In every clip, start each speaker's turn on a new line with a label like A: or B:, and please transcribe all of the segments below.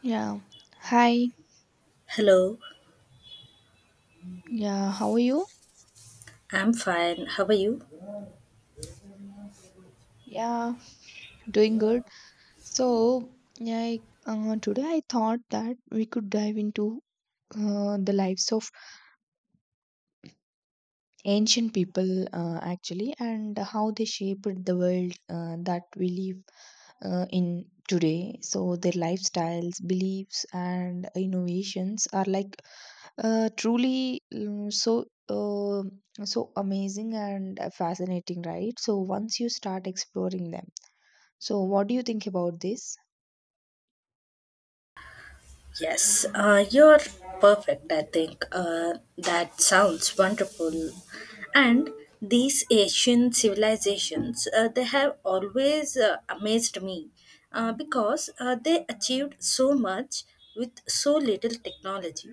A: Yeah. Hi.
B: Hello,
A: Yeah. How are you?
B: I'm fine. How are you?
A: Yeah. Doing good. So, Today I thought that we could dive into the lives of ancient people actually, and how they shaped the world that we live in today. So, their lifestyles, beliefs, and innovations are like truly so. So amazing and fascinating, right? So once you start exploring them. So, what do you think about this?
B: Yes, you're perfect, I think. That sounds wonderful. And these Asian civilizations, they have always amazed me because they achieved so much with so little technology.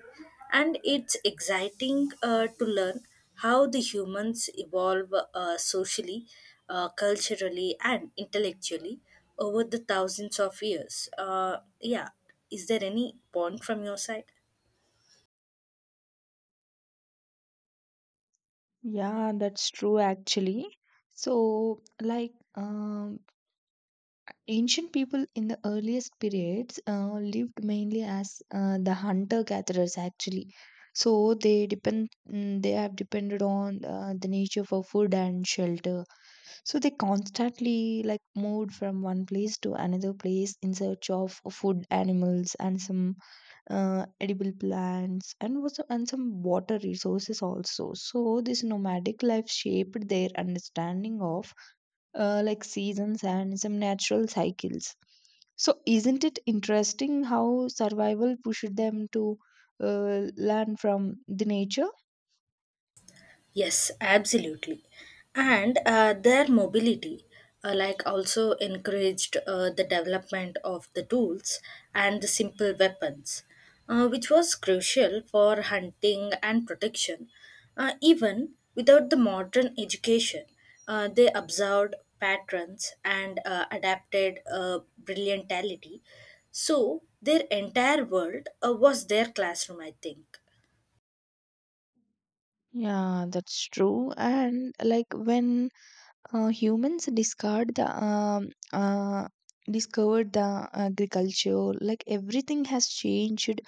B: And it's exciting to learn how the humans evolve socially, culturally, and intellectually over the thousands of years. Yeah, is there any point from your side?
A: Yeah, that's true actually. So, like, um, Ancient people in the earliest periods lived mainly as the hunter-gatherers actually. So they have depended on the nature for food and shelter. So they constantly like moved from one place to another place in search of food, animals, and some edible plants and some water resources also, so this nomadic life shaped their understanding of like seasons and some natural cycles. So isn't it interesting how survival pushed them to learn from the nature?
B: Yes, absolutely. And their mobility, like also encouraged the development of the tools and the simple weapons, which was crucial for hunting and protection. Even without the modern education, they observed patterns and adapted brilliantality. So their entire world was their classroom, I think.
A: Yeah, that's true. And like when humans discard the uh, discovered the agriculture, like everything has changed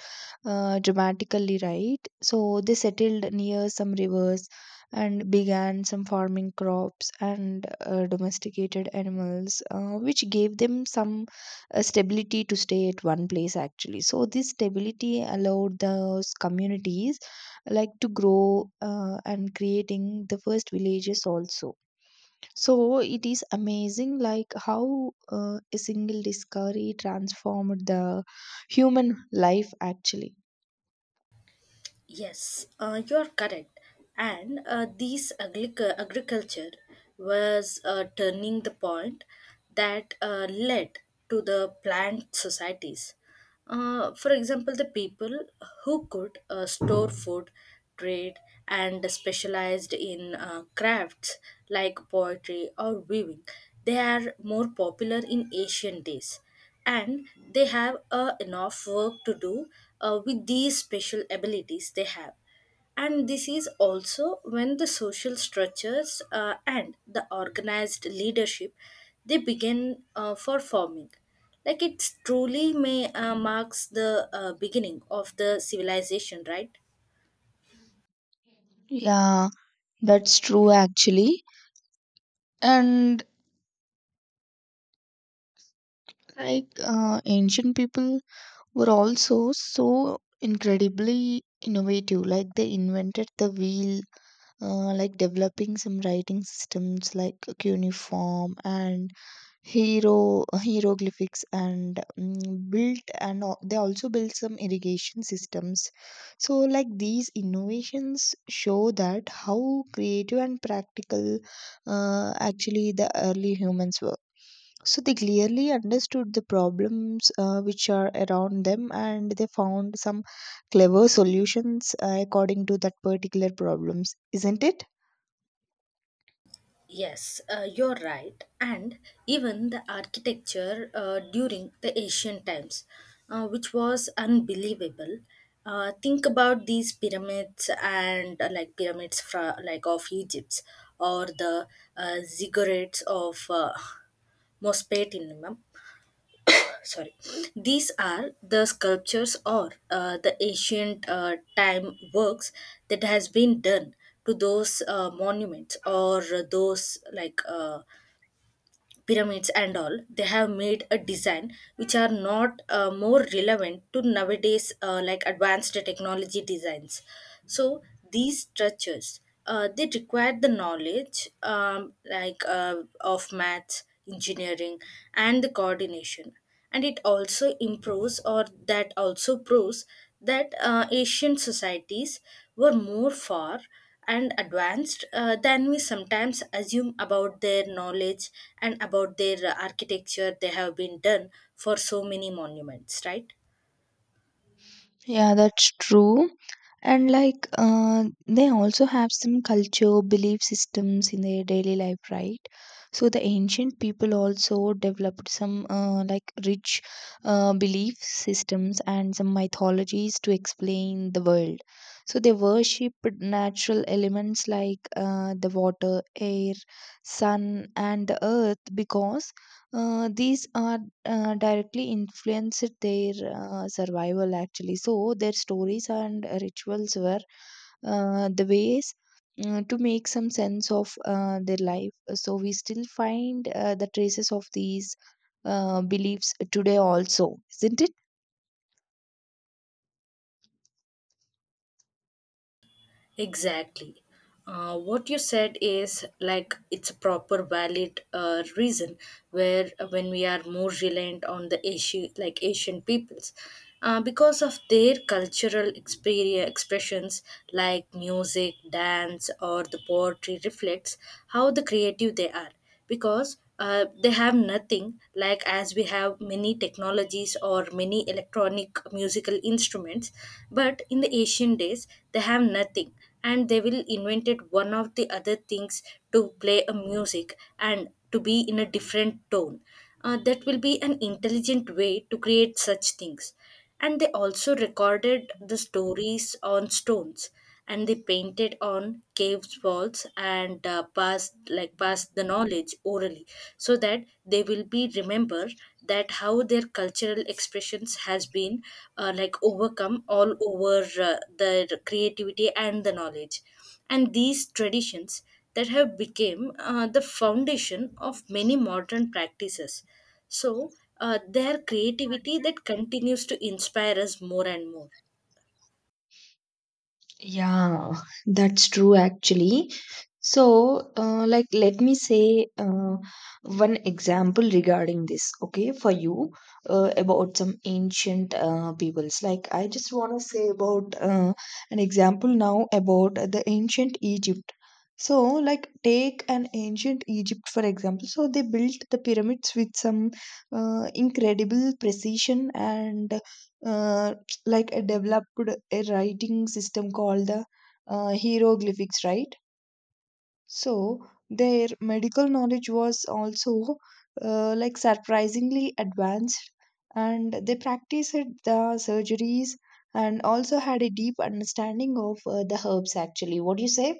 A: dramatically, right? So they settled near some rivers and began some farming crops and domesticated animals, which gave them some stability to stay at one place actually. So this stability allowed those communities like to grow and creating the first villages also. So it is amazing like how a single discovery transformed the human life actually.
B: Yes, you are correct. And these agriculture was turning the point that led to the plant societies. For example, the people who could store food, trade, and specialized in crafts like poetry or weaving, they are more popular in ancient days and they have enough work to do with these special abilities they have. And this is also when the social structures and the organized leadership they begin for forming. Like, it truly may marks the beginning of the civilization, right?
A: Yeah, that's true actually. And like ancient people were also so incredibly innovative. Like they invented the wheel, like developing some writing systems like cuneiform and hero hieroglyphics, and mm, built and al- they also built some irrigation systems. So like these innovations show that how creative and practical actually the early humans were. So they clearly understood the problems which are around them, and they found some clever solutions according to that particular problems, isn't it?
B: Yes, you're right. And even the architecture during the ancient times, which was unbelievable. Think about these pyramids and like pyramids like of Egypt, or the ziggurats of Mosfet in Imam. Sorry, these are the sculptures or the ancient time works that has been done to those monuments or those like. Pyramids and all, they have made a design which are not more relevant to nowadays like advanced technology designs. So these structures, they require the knowledge, like of maths, engineering, and the coordination. And it also improves, or that also proves that Asian societies were more far and advanced than we sometimes assume about their knowledge and about their architecture they have been done for so many monuments, right?
A: Yeah, that's true. And like they also have some culture, belief systems in their daily life, right? So the ancient people also developed some like rich belief systems and some mythologies to explain the world. So they worshipped natural elements like the water, air, sun, and the earth, because these are directly influenced their survival actually. So their stories and rituals were the ways to make some sense of their life. So we still find the traces of these beliefs today also, isn't it?
B: Exactly. What you said is like it's a proper valid reason where when we are more reliant on the like Asian peoples because of their cultural experience, expressions like music, dance or the poetry reflects how the creative they are, because they have nothing like as we have many technologies or many electronic musical instruments. But in the ancient days they have nothing, and they will invented one of the other things to play a music and to be in a different tone. Uh, that will be an intelligent way to create such things. And they also recorded the stories on stones, and they painted on caves walls and passed like passed the knowledge orally, so that they will be remember that how their cultural expressions has been like overcome all over their creativity and the knowledge. And these traditions that have become the foundation of many modern practices. So their creativity that continues to inspire us more and more.
A: Yeah, that's true actually. So, let me say one example regarding this, okay, for you about some ancient peoples. Like, I just want to say about an example now about the ancient Egypt. So, like, take an ancient Egypt for example. So, they built the pyramids with some incredible precision, and uh, like a developed a writing system called the hieroglyphics, right? So their medical knowledge was also like surprisingly advanced, and they practiced the surgeries and also had a deep understanding of the herbs actually. What do you say?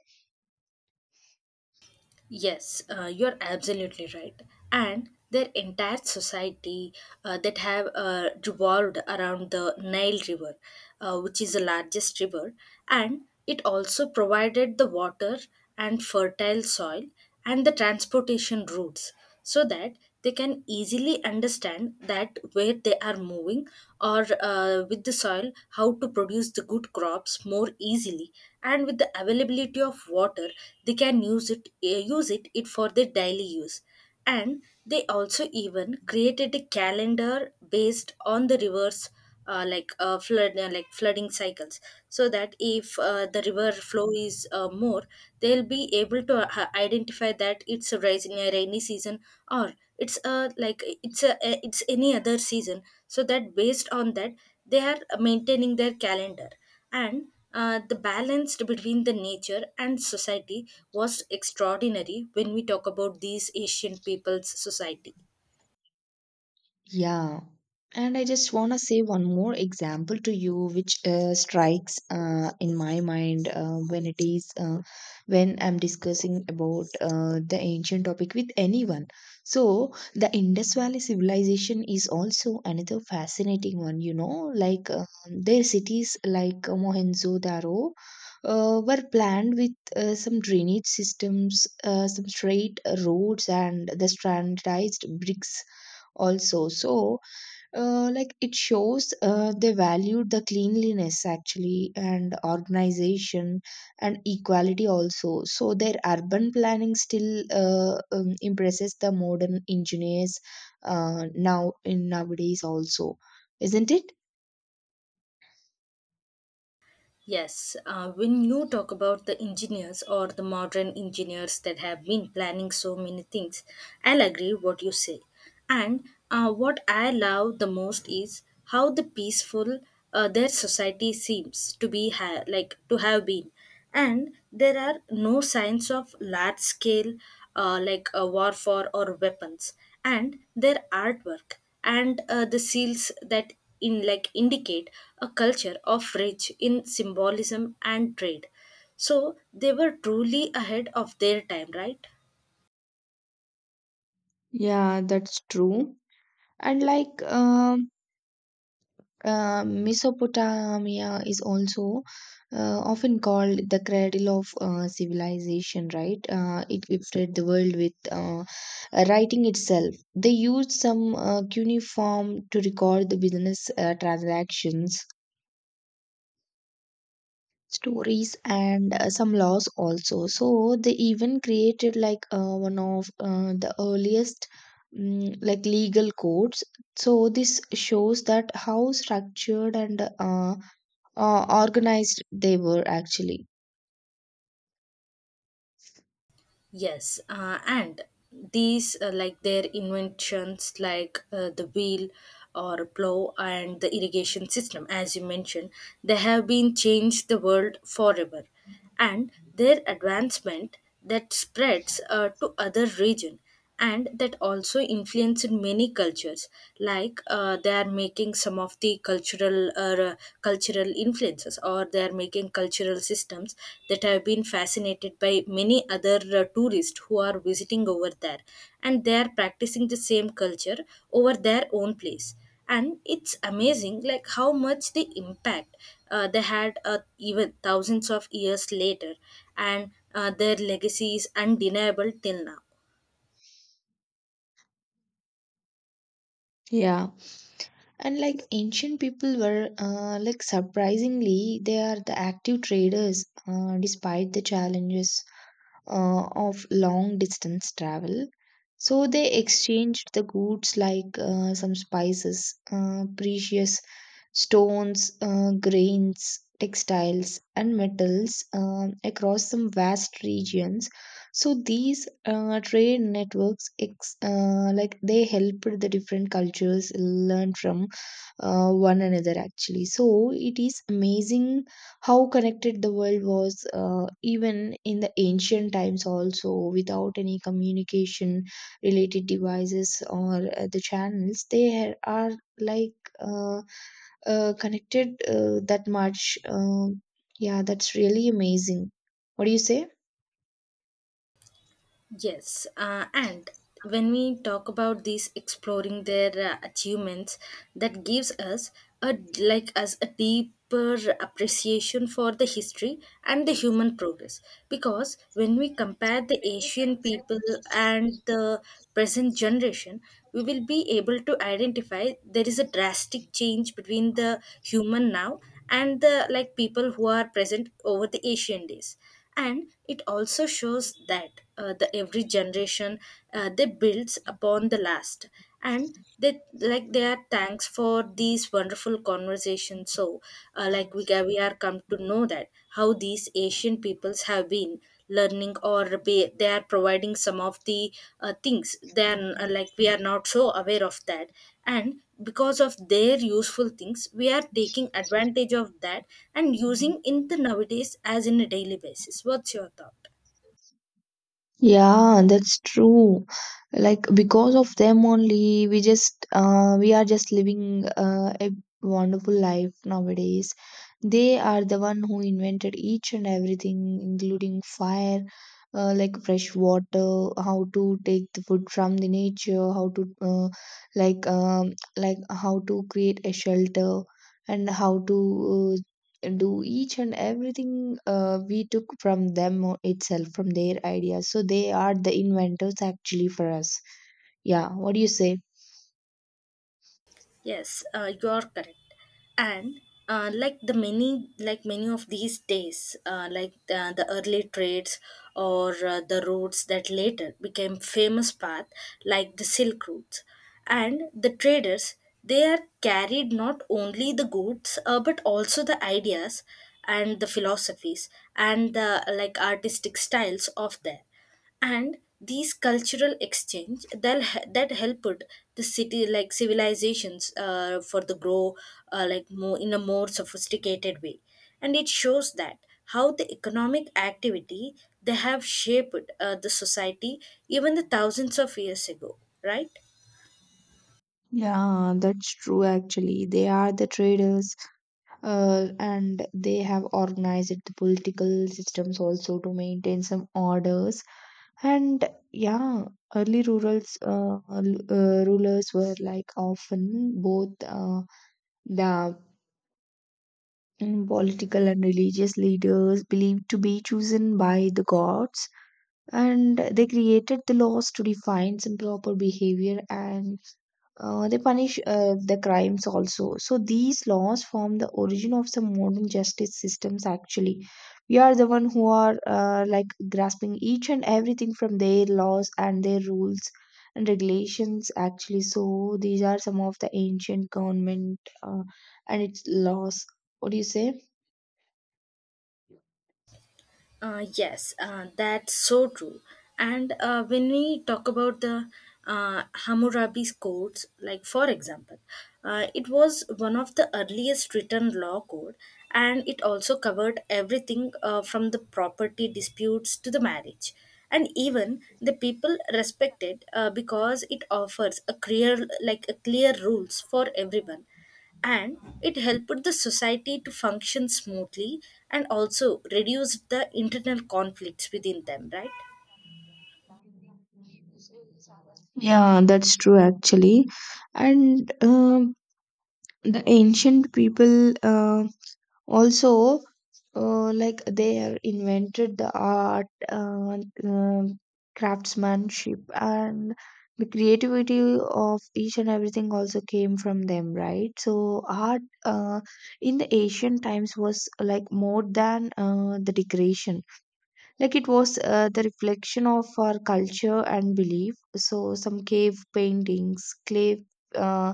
B: Yes, you're absolutely right. And their entire society that have revolved around the Nile River, which is the largest river, and it also provided the water and fertile soil and the transportation routes, so that they can easily understand that where they are moving, or with the soil how to produce the good crops more easily. And with the availability of water they can use it, it for their daily use. And they also even created a calendar based on the rivers like flood like flooding cycles, so that if the river flow is more, they'll be able to identify that it's a rising a rainy season, or it's a like it's it's any other season, so that based on that they are maintaining their calendar. And the balance between the nature and society was extraordinary when we talk about these ancient people's society.
A: Yeah. And I just want to say one more example to you, which strikes in my mind when it is when I'm discussing about the ancient topic with anyone. So the Indus Valley civilization is also another fascinating one. You know, like their cities like Mohenjo-daro were planned with some drainage systems, some straight roads, and the standardized bricks also. So like it shows they valued the cleanliness actually, and organization and equality also. So their urban planning still impresses the modern engineers now in nowadays also, isn't it?
B: Yes, when you talk about the engineers or the modern engineers that have been planning so many things, I'll agree what you say. And what I love the most is how the peaceful their society seems to like to have been, and there are no signs of large scale like warfare or weapons. And their artwork and the seals that in like indicate a culture of rich in symbolism and trade. So they were truly ahead of their time, right?
A: Yeah, that's true. And like Mesopotamia is also often called the cradle of civilization, right? It gifted the world with writing itself. They used some cuneiform to record the business transactions, stories, and some laws also. So they even created like one of the earliest, like legal codes. So this shows that how structured and organized they were actually.
B: Yes, and these like their inventions like the wheel or plow and the irrigation system, as you mentioned, they have been changed the world forever. And their advancement that spreads to other region, and that also influenced many cultures. Like they are making some of the cultural influences, or they are making cultural systems that have been fascinated by many other tourists who are visiting over there, and they are practicing the same culture over their own place. And it's amazing like how much the impact they had even thousands of years later. And their legacy is undeniable till now.
A: Yeah. And like ancient people were like surprisingly they are the active traders despite the challenges of long distance travel. So they exchanged the goods like some spices, precious stones, grains, textiles, and metals across some vast regions. So these trade networks like they helped the different cultures learn from one another actually. So it is amazing how connected the world was even in the ancient times also, without any communication related devices or the channels they ha- are like uh, connected that much. Yeah, that's really amazing. What do you say?
B: Yes, and when we talk about these exploring their achievements, that gives us a like us a deeper appreciation for the history and the human progress. Because when we compare the Asian people and the present generation, we will be able to identify there is a drastic change between the human now and the like people who are present over the Asian days. And it also shows that the every generation they builds upon the last, and they like they are thanks for these wonderful conversations. So like we are come to know that how these Asian peoples have been learning or be, they are providing some of the things, then like we are not so aware of that. And because of their useful things we are taking advantage of that and using in the nowadays as in a daily basis. What's your thought?
A: Yeah, that's true. Like because of them only, we are just living a wonderful life nowadays. They are the one who invented each and everything, including fire, like fresh water, how to take the food from the nature, how to like how to create a shelter, and how to uh, do each and everything. We took from them itself, from their ideas, so they are the inventors actually for us. Yeah, what do you say?
B: Yes, you are correct. And like like many of these days, like the early trades or the routes that later became famous path, like the Silk Routes, and the traders, they are carried not only the goods but also the ideas and the philosophies and the like artistic styles of there. And these cultural exchange that helped the city like civilizations for the grow like more in a more sophisticated way. And it shows that how the economic activity they have shaped the society even the thousands of years ago, right?
A: Yeah, that's true actually. They are the traders and they have organized the political systems also to maintain some orders. And yeah, early rulers were like often both the and political and religious leaders, believed to be chosen by the gods, and they created the laws to define some proper behavior, and they punish the crimes also. So these laws form the origin of some modern justice systems actually. We are the one who are like grasping each and everything from their laws and their rules and regulations actually. So these are some of the ancient government and its laws. What do you say?
B: Yes, that's so true. And when we talk about the Hammurabi's codes, like for example, it was one of the earliest written law code, and it also covered everything from the property disputes to the marriage. And even the people respected because it offers like a clear rules for everyone, and it helped the society to function smoothly and also reduced the internal conflicts within them, right?
A: Yeah, that's true actually. And The ancient people also like they have invented the art, um craftsmanship, and the creativity of each and everything also came from them, right? So art in the ancient times was like more than the decoration. Like it was the reflection of our culture and belief. So some cave paintings, clay uh,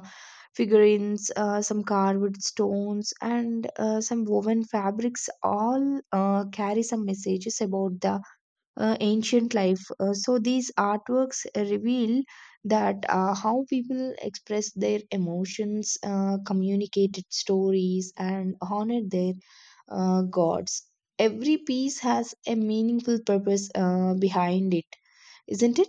A: figurines, some carved stones, and some woven fabrics all carry some messages about the ancient life. So these artworks reveal that how people express their emotions, communicated stories, and honor their gods. Every piece has a meaningful purpose behind it, isn't it?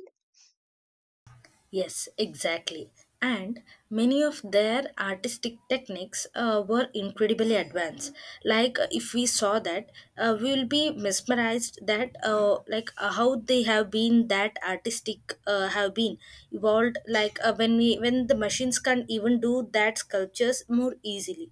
B: Yes, exactly. And many of their artistic techniques were incredibly advanced. Like if we saw that, we will be mesmerized that like how they have been that artistic have been evolved. Like when the machines can even do that sculptures more easily.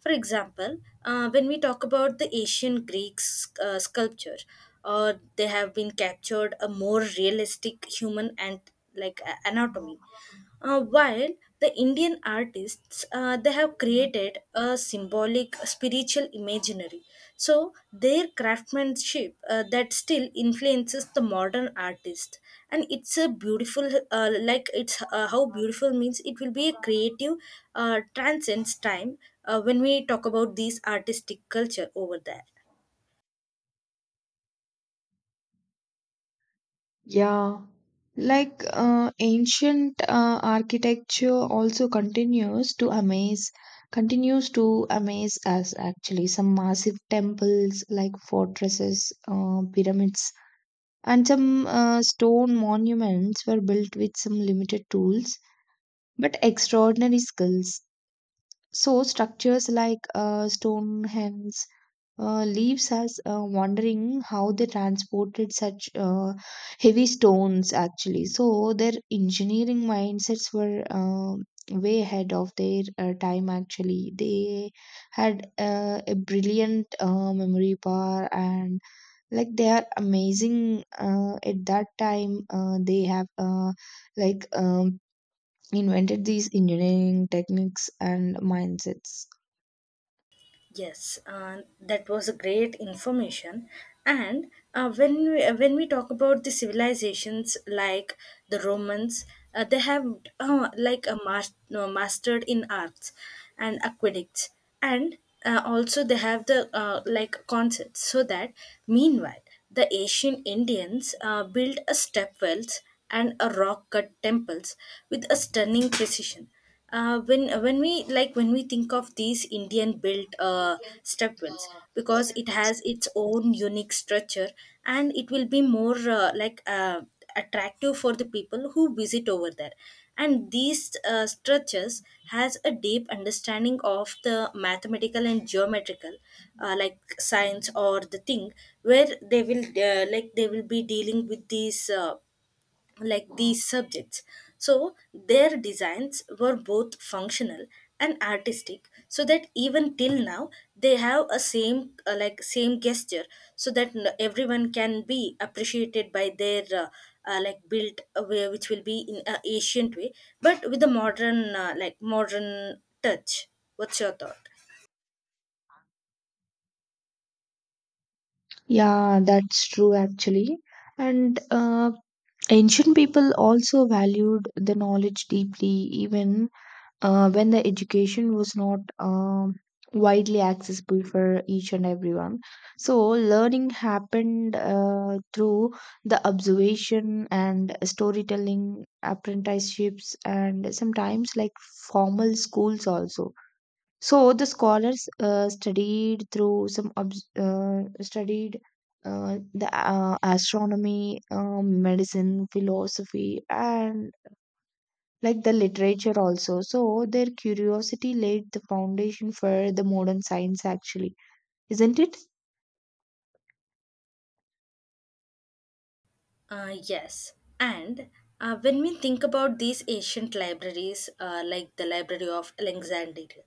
B: For example, when we talk about the ancient Greek sculpture, or they have been captured a more realistic human and like anatomy. While the Indian artists they have created a symbolic spiritual imaginary. So their craftsmanship that still influences the modern artist, and it's a beautiful like it's how beautiful means it will be a creative transcends time when we talk about these artistic culture over there.
A: Yeah, like ancient architecture also continues to amaze us actually. Some massive temples like fortresses, pyramids, and some stone monuments were built with some limited tools but extraordinary skills. So structures like Stonehenge leaves us wondering how they transported such heavy stones actually. So their engineering mindsets were way ahead of their time actually. They had a brilliant memory power, and like they are amazing at that time. They have like um, invented these engineering techniques and mindsets.
B: Yes, that was a great information. And when when we talk about the civilizations like the Romans, they have like a mas- no, mastered in arts and aqueducts, and also they have the like concepts. So that meanwhile, the ancient Indians built a step wells and a rock cut temples with a stunning precision. When we like when we think of these Indian built stepwells, because it has its own unique structure, and it will be more like attractive for the people who visit over there. And these structures has a deep understanding of the mathematical and geometrical like science or the thing where they will like they will be dealing with these like these subjects. So their designs were both functional and artistic so that even till now they have a same same gesture so that everyone can be appreciated by their built way which will be in a ancient way but with a modern modern touch. What's your thought?
A: Yeah, that's true actually. And ancient people also valued the knowledge deeply, even when the education was not widely accessible for each and everyone. So, learning happened through the observation and storytelling, apprenticeships, and sometimes like formal schools also. So the scholars studied through some obs- studied the astronomy, medicine, philosophy, and like the literature also. So their curiosity laid the foundation for the modern science, actually, isn't it?
B: Yes, and when we think about these ancient libraries, the Library of Alexandria,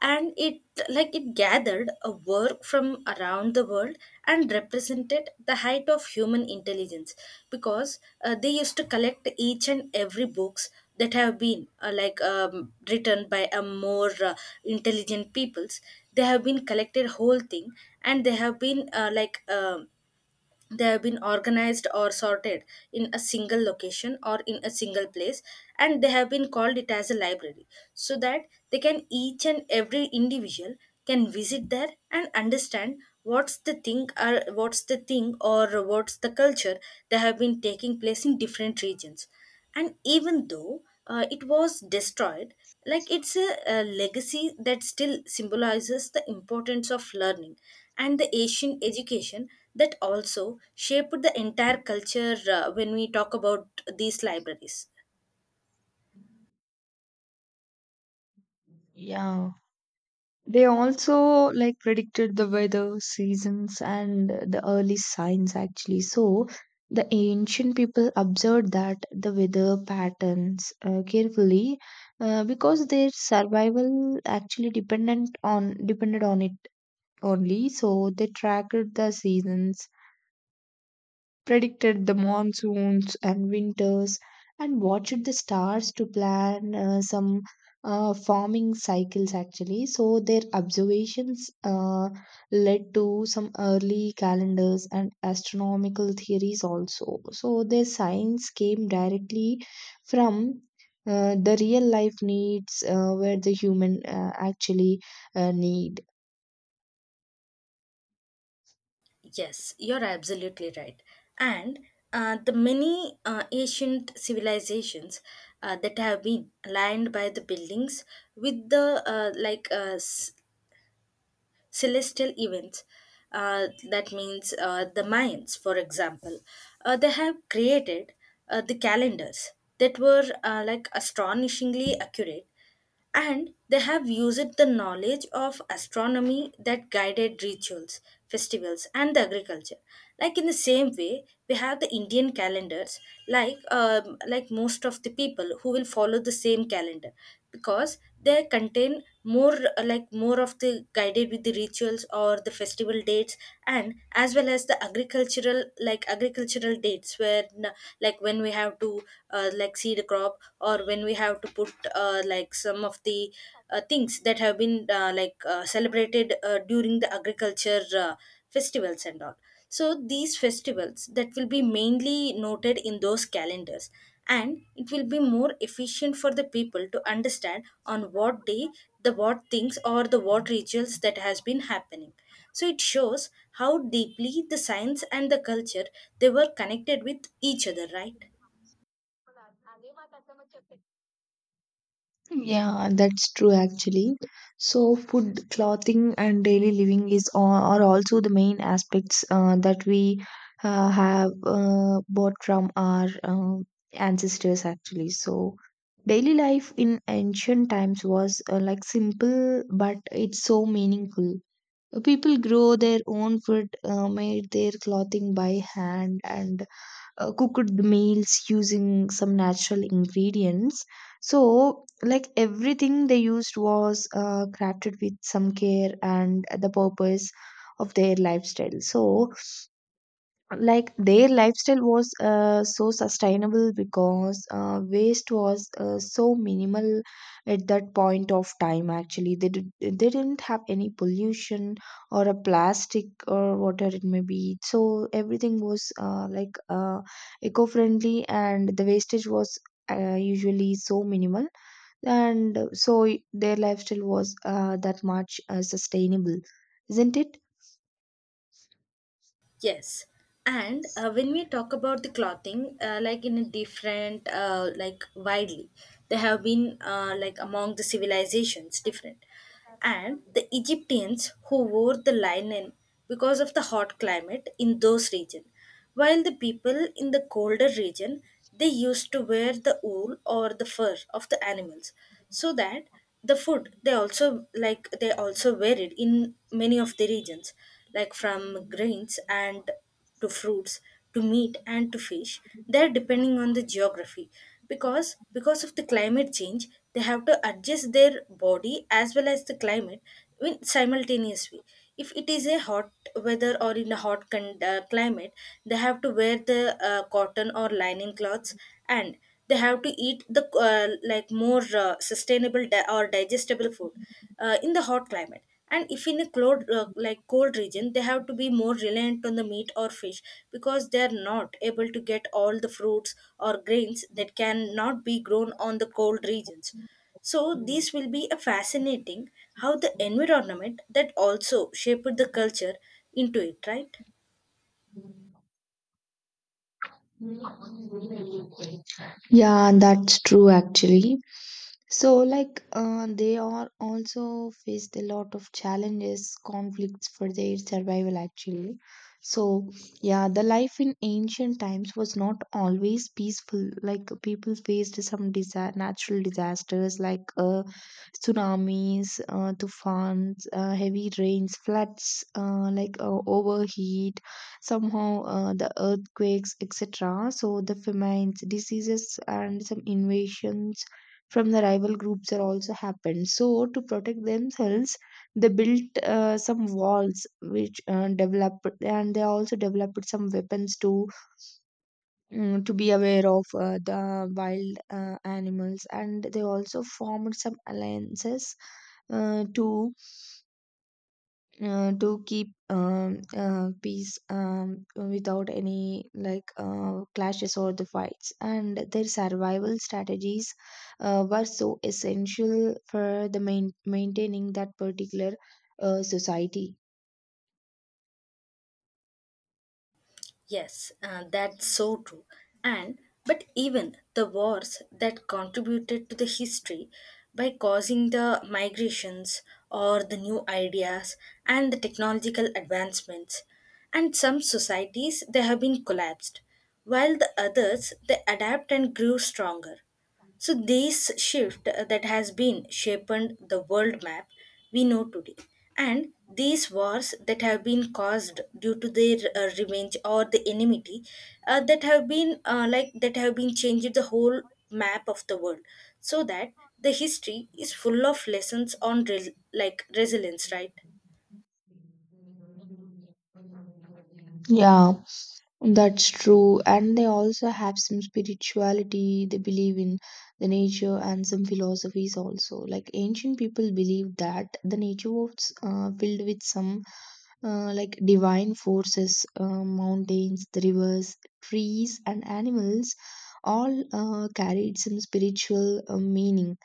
B: and it like it gathered a work from around the world and represented the height of human intelligence because they used to collect each and every books that have been written by a more intelligent peoples. They have been collected whole thing and they have been they have been organized or sorted in a single location or in a single place and they have been called it as a library so that they can each and every individual can visit there and understand what's the thing or what's the culture that have been taking place in different regions. And even though it was destroyed, like it's a legacy that still symbolizes the importance of learning and the asian education that also shaped the entire culture when we talk about these libraries.
A: Yeah. They also like predicted the weather, seasons, and the early signs actually. So the ancient people observed that the weather patterns carefully because their survival actually dependent on depended on it only. So they tracked the seasons, predicted the monsoons and winters, and watched the stars to plan some farming cycles actually. So their observations led to some early calendars and astronomical theories also. So their science came directly from the real life needs where the human actually need.
B: Yes, you're absolutely right. And the many ancient civilizations that have been aligned by the buildings with the celestial events. That means the Mayans, for example, they have created the calendars that were astonishingly accurate, and they have used the knowledge of astronomy that guided rituals, festivals and the agriculture, like in the same way we have the indian calendars, most of the people who will follow the same calendar because they contain more more of the guided with the rituals or the festival dates and as well as the agricultural agricultural dates where when we have to seed a crop or when we have to put some of the things that have been celebrated during the agriculture festivals and all, so these festivals that will be mainly noted in those calendars and it will be more efficient for the people to understand on what day the what things or the what rituals that has been happening. So it shows how deeply the science and the culture they were connected with each other, right?
A: Yeah, that's true actually. So, food, clothing, and daily living is all are also the main aspects that we have bought from our ancestors actually. So, daily life in ancient times was like simple, but it's so meaningful. People grow their own food, made their clothing by hand, and cooked meals using some natural ingredients. So like everything they used was crafted with some care and the purpose of their lifestyle. So like their lifestyle was so sustainable because waste was so minimal at that point of time. Actually they didn't have any pollution or a plastic or whatever it may be. So everything was eco-friendly and the wastage was usually so minimal, and so their lifestyle was that much sustainable, isn't it?
B: Yes. And when we talk about the clothing, like in a different, like widely, they have been among the civilizations different. And the Egyptians who wore the linen because of the hot climate in those regions. While the people in the colder region, they used to wear the wool or the fur of the animals so that the food they also like they also varied in many of the regions, like from grains and to fruits to meat and to fish, they're depending on the geography because of the climate change they have to adjust their body as well as the climate in simultaneous way. If it is a hot weather or in a hot climate, they have to wear the cotton or linen cloths, and they have to eat the uh, more sustainable di- or digestible food in the hot climate. And if in a cold region, they have to be more reliant on the meat or fish because they are not able to get all the fruits or grains that cannot be grown on the cold regions. So this will be a fascinating how the environment that also shaped the culture into it, right?
A: Yeah, that's true actually. So, they are also faced a lot of challenges, conflicts for their survival, actually. So, yeah, the life in ancient times was not always peaceful. Like, people faced some natural disasters like tsunamis, tufans, heavy rains, floods, overheat, somehow the earthquakes, etc. So, the famines, diseases, and some invasions from the rival groups are also happened. So to protect themselves they built some walls which developed, and they also developed some weapons to to be aware of the wild animals, and they also formed some alliances uh, to to keep peace without any clashes or the fights. And their survival strategies were so essential for the maintaining that particular society,
B: Yes, that's so true. And but even the wars that contributed to the history by causing the migrations or the new ideas and the technological advancements, and some societies they have been collapsed while the others they adapt and grew stronger. So this shift that has been shaped the world map we know today, and these wars that have been caused due to their revenge or the enmity that have been changed the whole map of the world, so that the history is full of lessons on resilience, right?
A: yeah. That's true. And they also have some spirituality. They believe in the nature and some philosophies also. Like ancient people believed that the nature was filled with some divine forces, mountains, the rivers, trees, and animals all carried some spiritual meaning.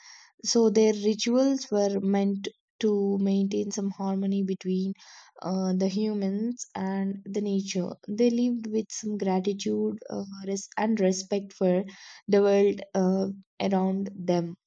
A: So their rituals were meant to maintain some harmony between the humans and the nature. They lived with some gratitude, and respect for the world around them.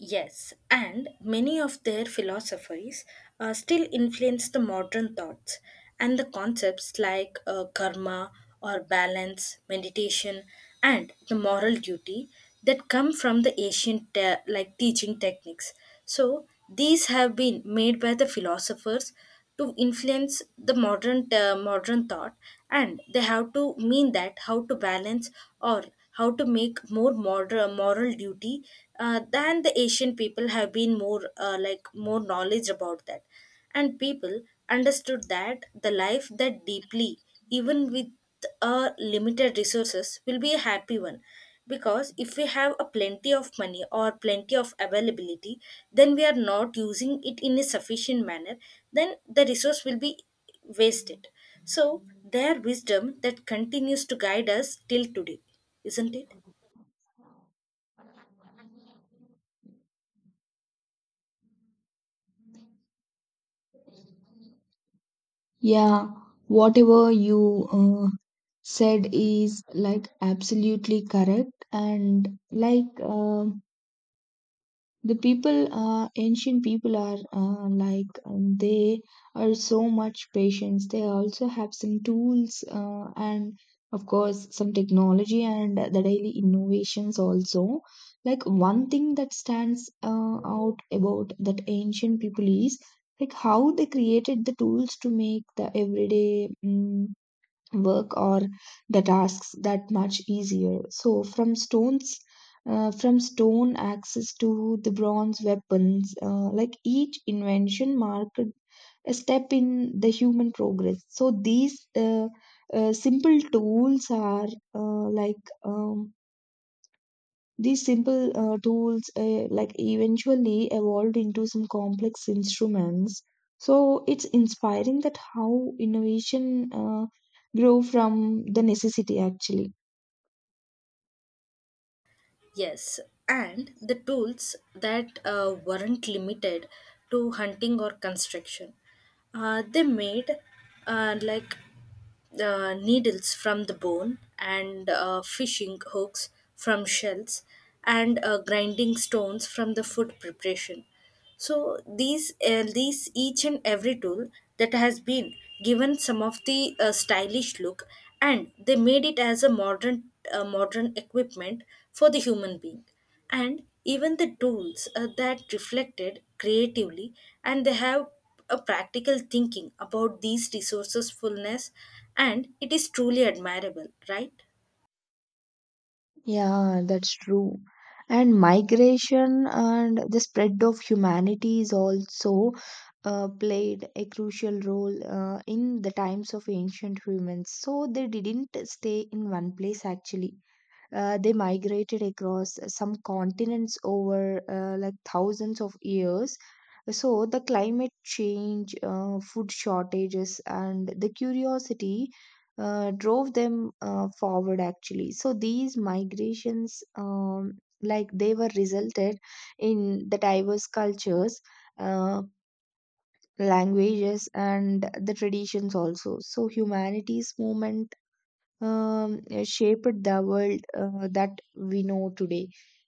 B: Yes, and many of their philosophies still influence the modern thoughts and the concepts like karma or balance, meditation, and the moral duty that come from the ancient teaching techniques. So these have been made by the philosophers to influence the modern modern thought, and they have to mean that how to balance or how to make more moral duty than the asian people have been more more knowledge about that. And people understood that the life that deeply, even with limited resources will be a happy one, because if we have a plenty of money or plenty of availability then we are not using it in a sufficient manner, then the resource will be wasted. So their wisdom that continues to guide us till today, isn't it?
A: Yeah, whatever you said is like absolutely correct. And the people, ancient people are, they are so much patience. They also have some tools and of course some technology and the daily innovations also. Like one thing that stands out about that ancient people is like how they created the tools to make the everyday work or the tasks that much easier. So from stones, from stone axes to the bronze weapons, like each invention marked a step in the human progress. So these simple tools are like um, these simple tools like eventually evolved into some complex instruments. So it's inspiring that how innovation grew from the necessity actually.
B: Yes, and the tools that weren't limited to hunting or construction. They made uh, like needles from the bone and fishing hooks from shells and grinding stones from the food preparation. So these each and every tool that has been given some of the stylish look, and they made it as a modern modern equipment for the human being, and even the tools that reflected creatively, and they have a practical thinking about these resources fullness, and it is truly admirable, right?
A: Yeah, that's true. And migration and the spread of humanity is also played a crucial role in the times of ancient humans. So they didn't stay in one place actually. They migrated across some continents over like thousands of years. So the climate change, food shortages, and the curiosity drove them forward actually. So these migrations, like they were resulted in the diverse cultures, uh, languages, and the traditions also. So humanity's movement um, shaped the world that we know today.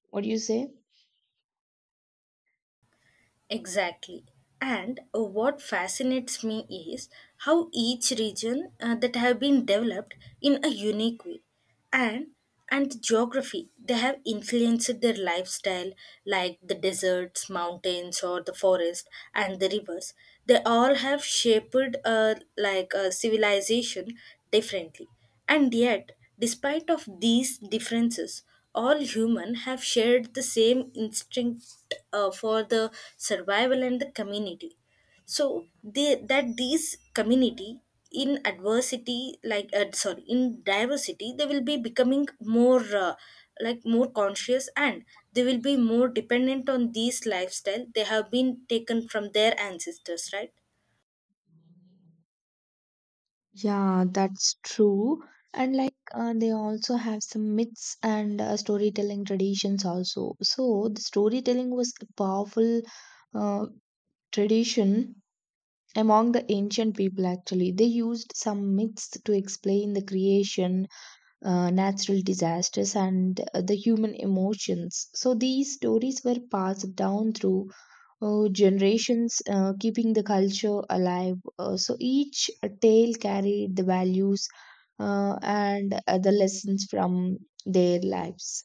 A: What do you say?
B: Exactly. And what fascinates me is how each region that have been developed in a unique way, and geography they have influenced their lifestyle, like the deserts, mountains or the forest and the rivers, they all have shaped a civilization differently. And yet, despite of these differences, all human have shared the same instinct for the survival and the community. So they, that these community in adversity, like sorry, in diversity, they will be becoming more more conscious, and they will be more dependent on these lifestyle they have been taken from their ancestors, right?
A: Yeah, that's true. And like they also have some myths and storytelling traditions also. So the storytelling was a powerful uh, tradition among the ancient people actually. They used some myths to explain the creation, natural disasters, and the human emotions. So these stories were passed down through generations, keeping the culture alive. So each tale carried the values and the lessons from their lives.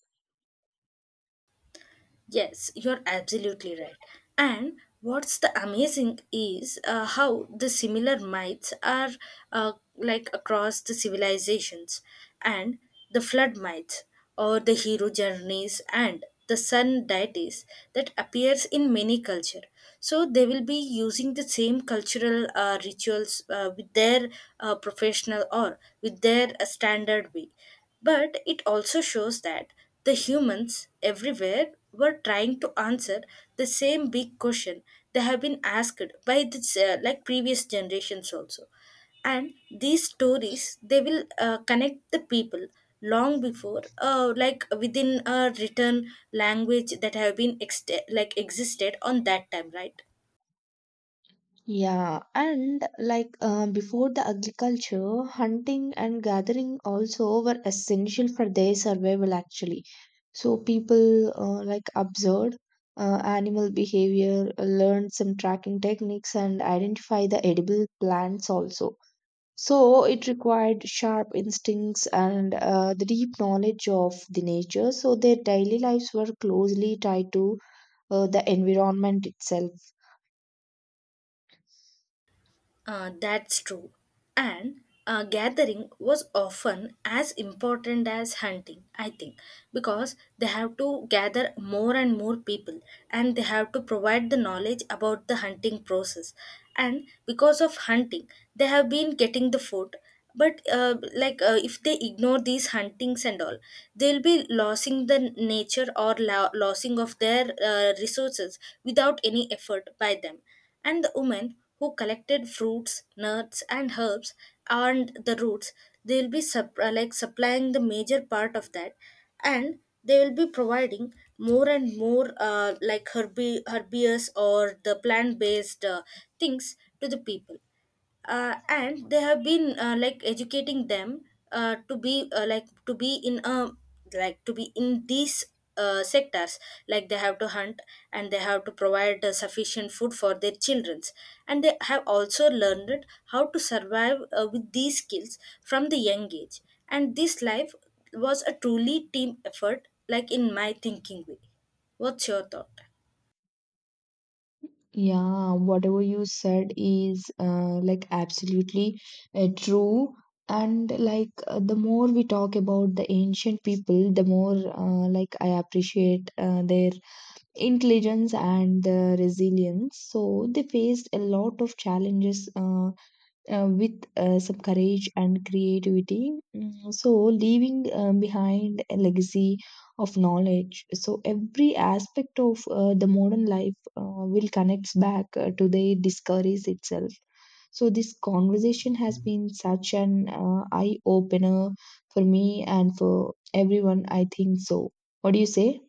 B: Yes, you're absolutely right. And what's the amazing is how the similar myths are across the civilizations, and the flood myths or the hero journeys and the sun deities that appears in many culture. So they will be using the same cultural rituals with their professional or with their standard way, but it also shows that the humans everywhere were trying to answer the same big question they have been asked by this, previous generations also. And these stories they will connect the people long before, within a written language that have been existed on that time, right?
A: Yeah, and like before the agriculture, hunting and gathering also were essential for their survival actually. So people like observed animal behavior, learned some tracking techniques, and identify the edible plants also. So it required sharp instincts and the deep knowledge of the nature. So their daily lives were closely tied to the environment itself.
B: That's true. And gathering was often as important as hunting, I think, because they have to gather more and more people and they have to provide the knowledge about the hunting process. And because of hunting, they have been getting the food. But if they ignore these huntings and all, they'll be losing the nature or losing of their resources without any effort by them. And the women who collected fruits, nuts, and herbs and the roots, they will be supplying the major part of that, and they will be providing more and more herbious or the plant based things to the people and they have been educating them to be like to be in a like to be in these sectors, like they have to hunt and they have to provide sufficient food for their childrens, and they have also learned how to survive with these skills from the young age. And this life was a truly team effort, like in my thinking way. What's your thought?
A: Yeah, whatever you said is like absolutely true. And like the more we talk about the ancient people, the more I appreciate their intelligence and the resilience. So they faced a lot of challenges with some courage and creativity. So, leaving behind a legacy of knowledge. So, every aspect of the modern life will connects back to the discoveries itself. So, this conversation has been such an eye opener for me and for everyone, I think so. What do you say?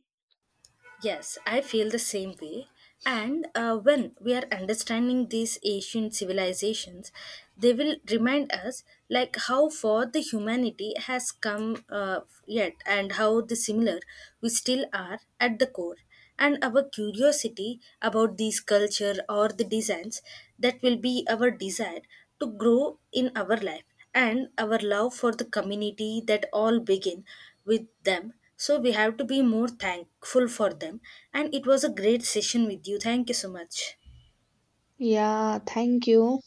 B: Yes, I feel the same way. And when we are understanding these ancient civilizations, they will remind us like how far the humanity has come yet, and how the similar we still are at the core, and our curiosity about these culture or the designs that will be our desire to grow in our life, and our love for the community that all begin with them. So we have to be more thankful for them, and it was a great session with you. Thank you so much.
A: Yeah, thank you.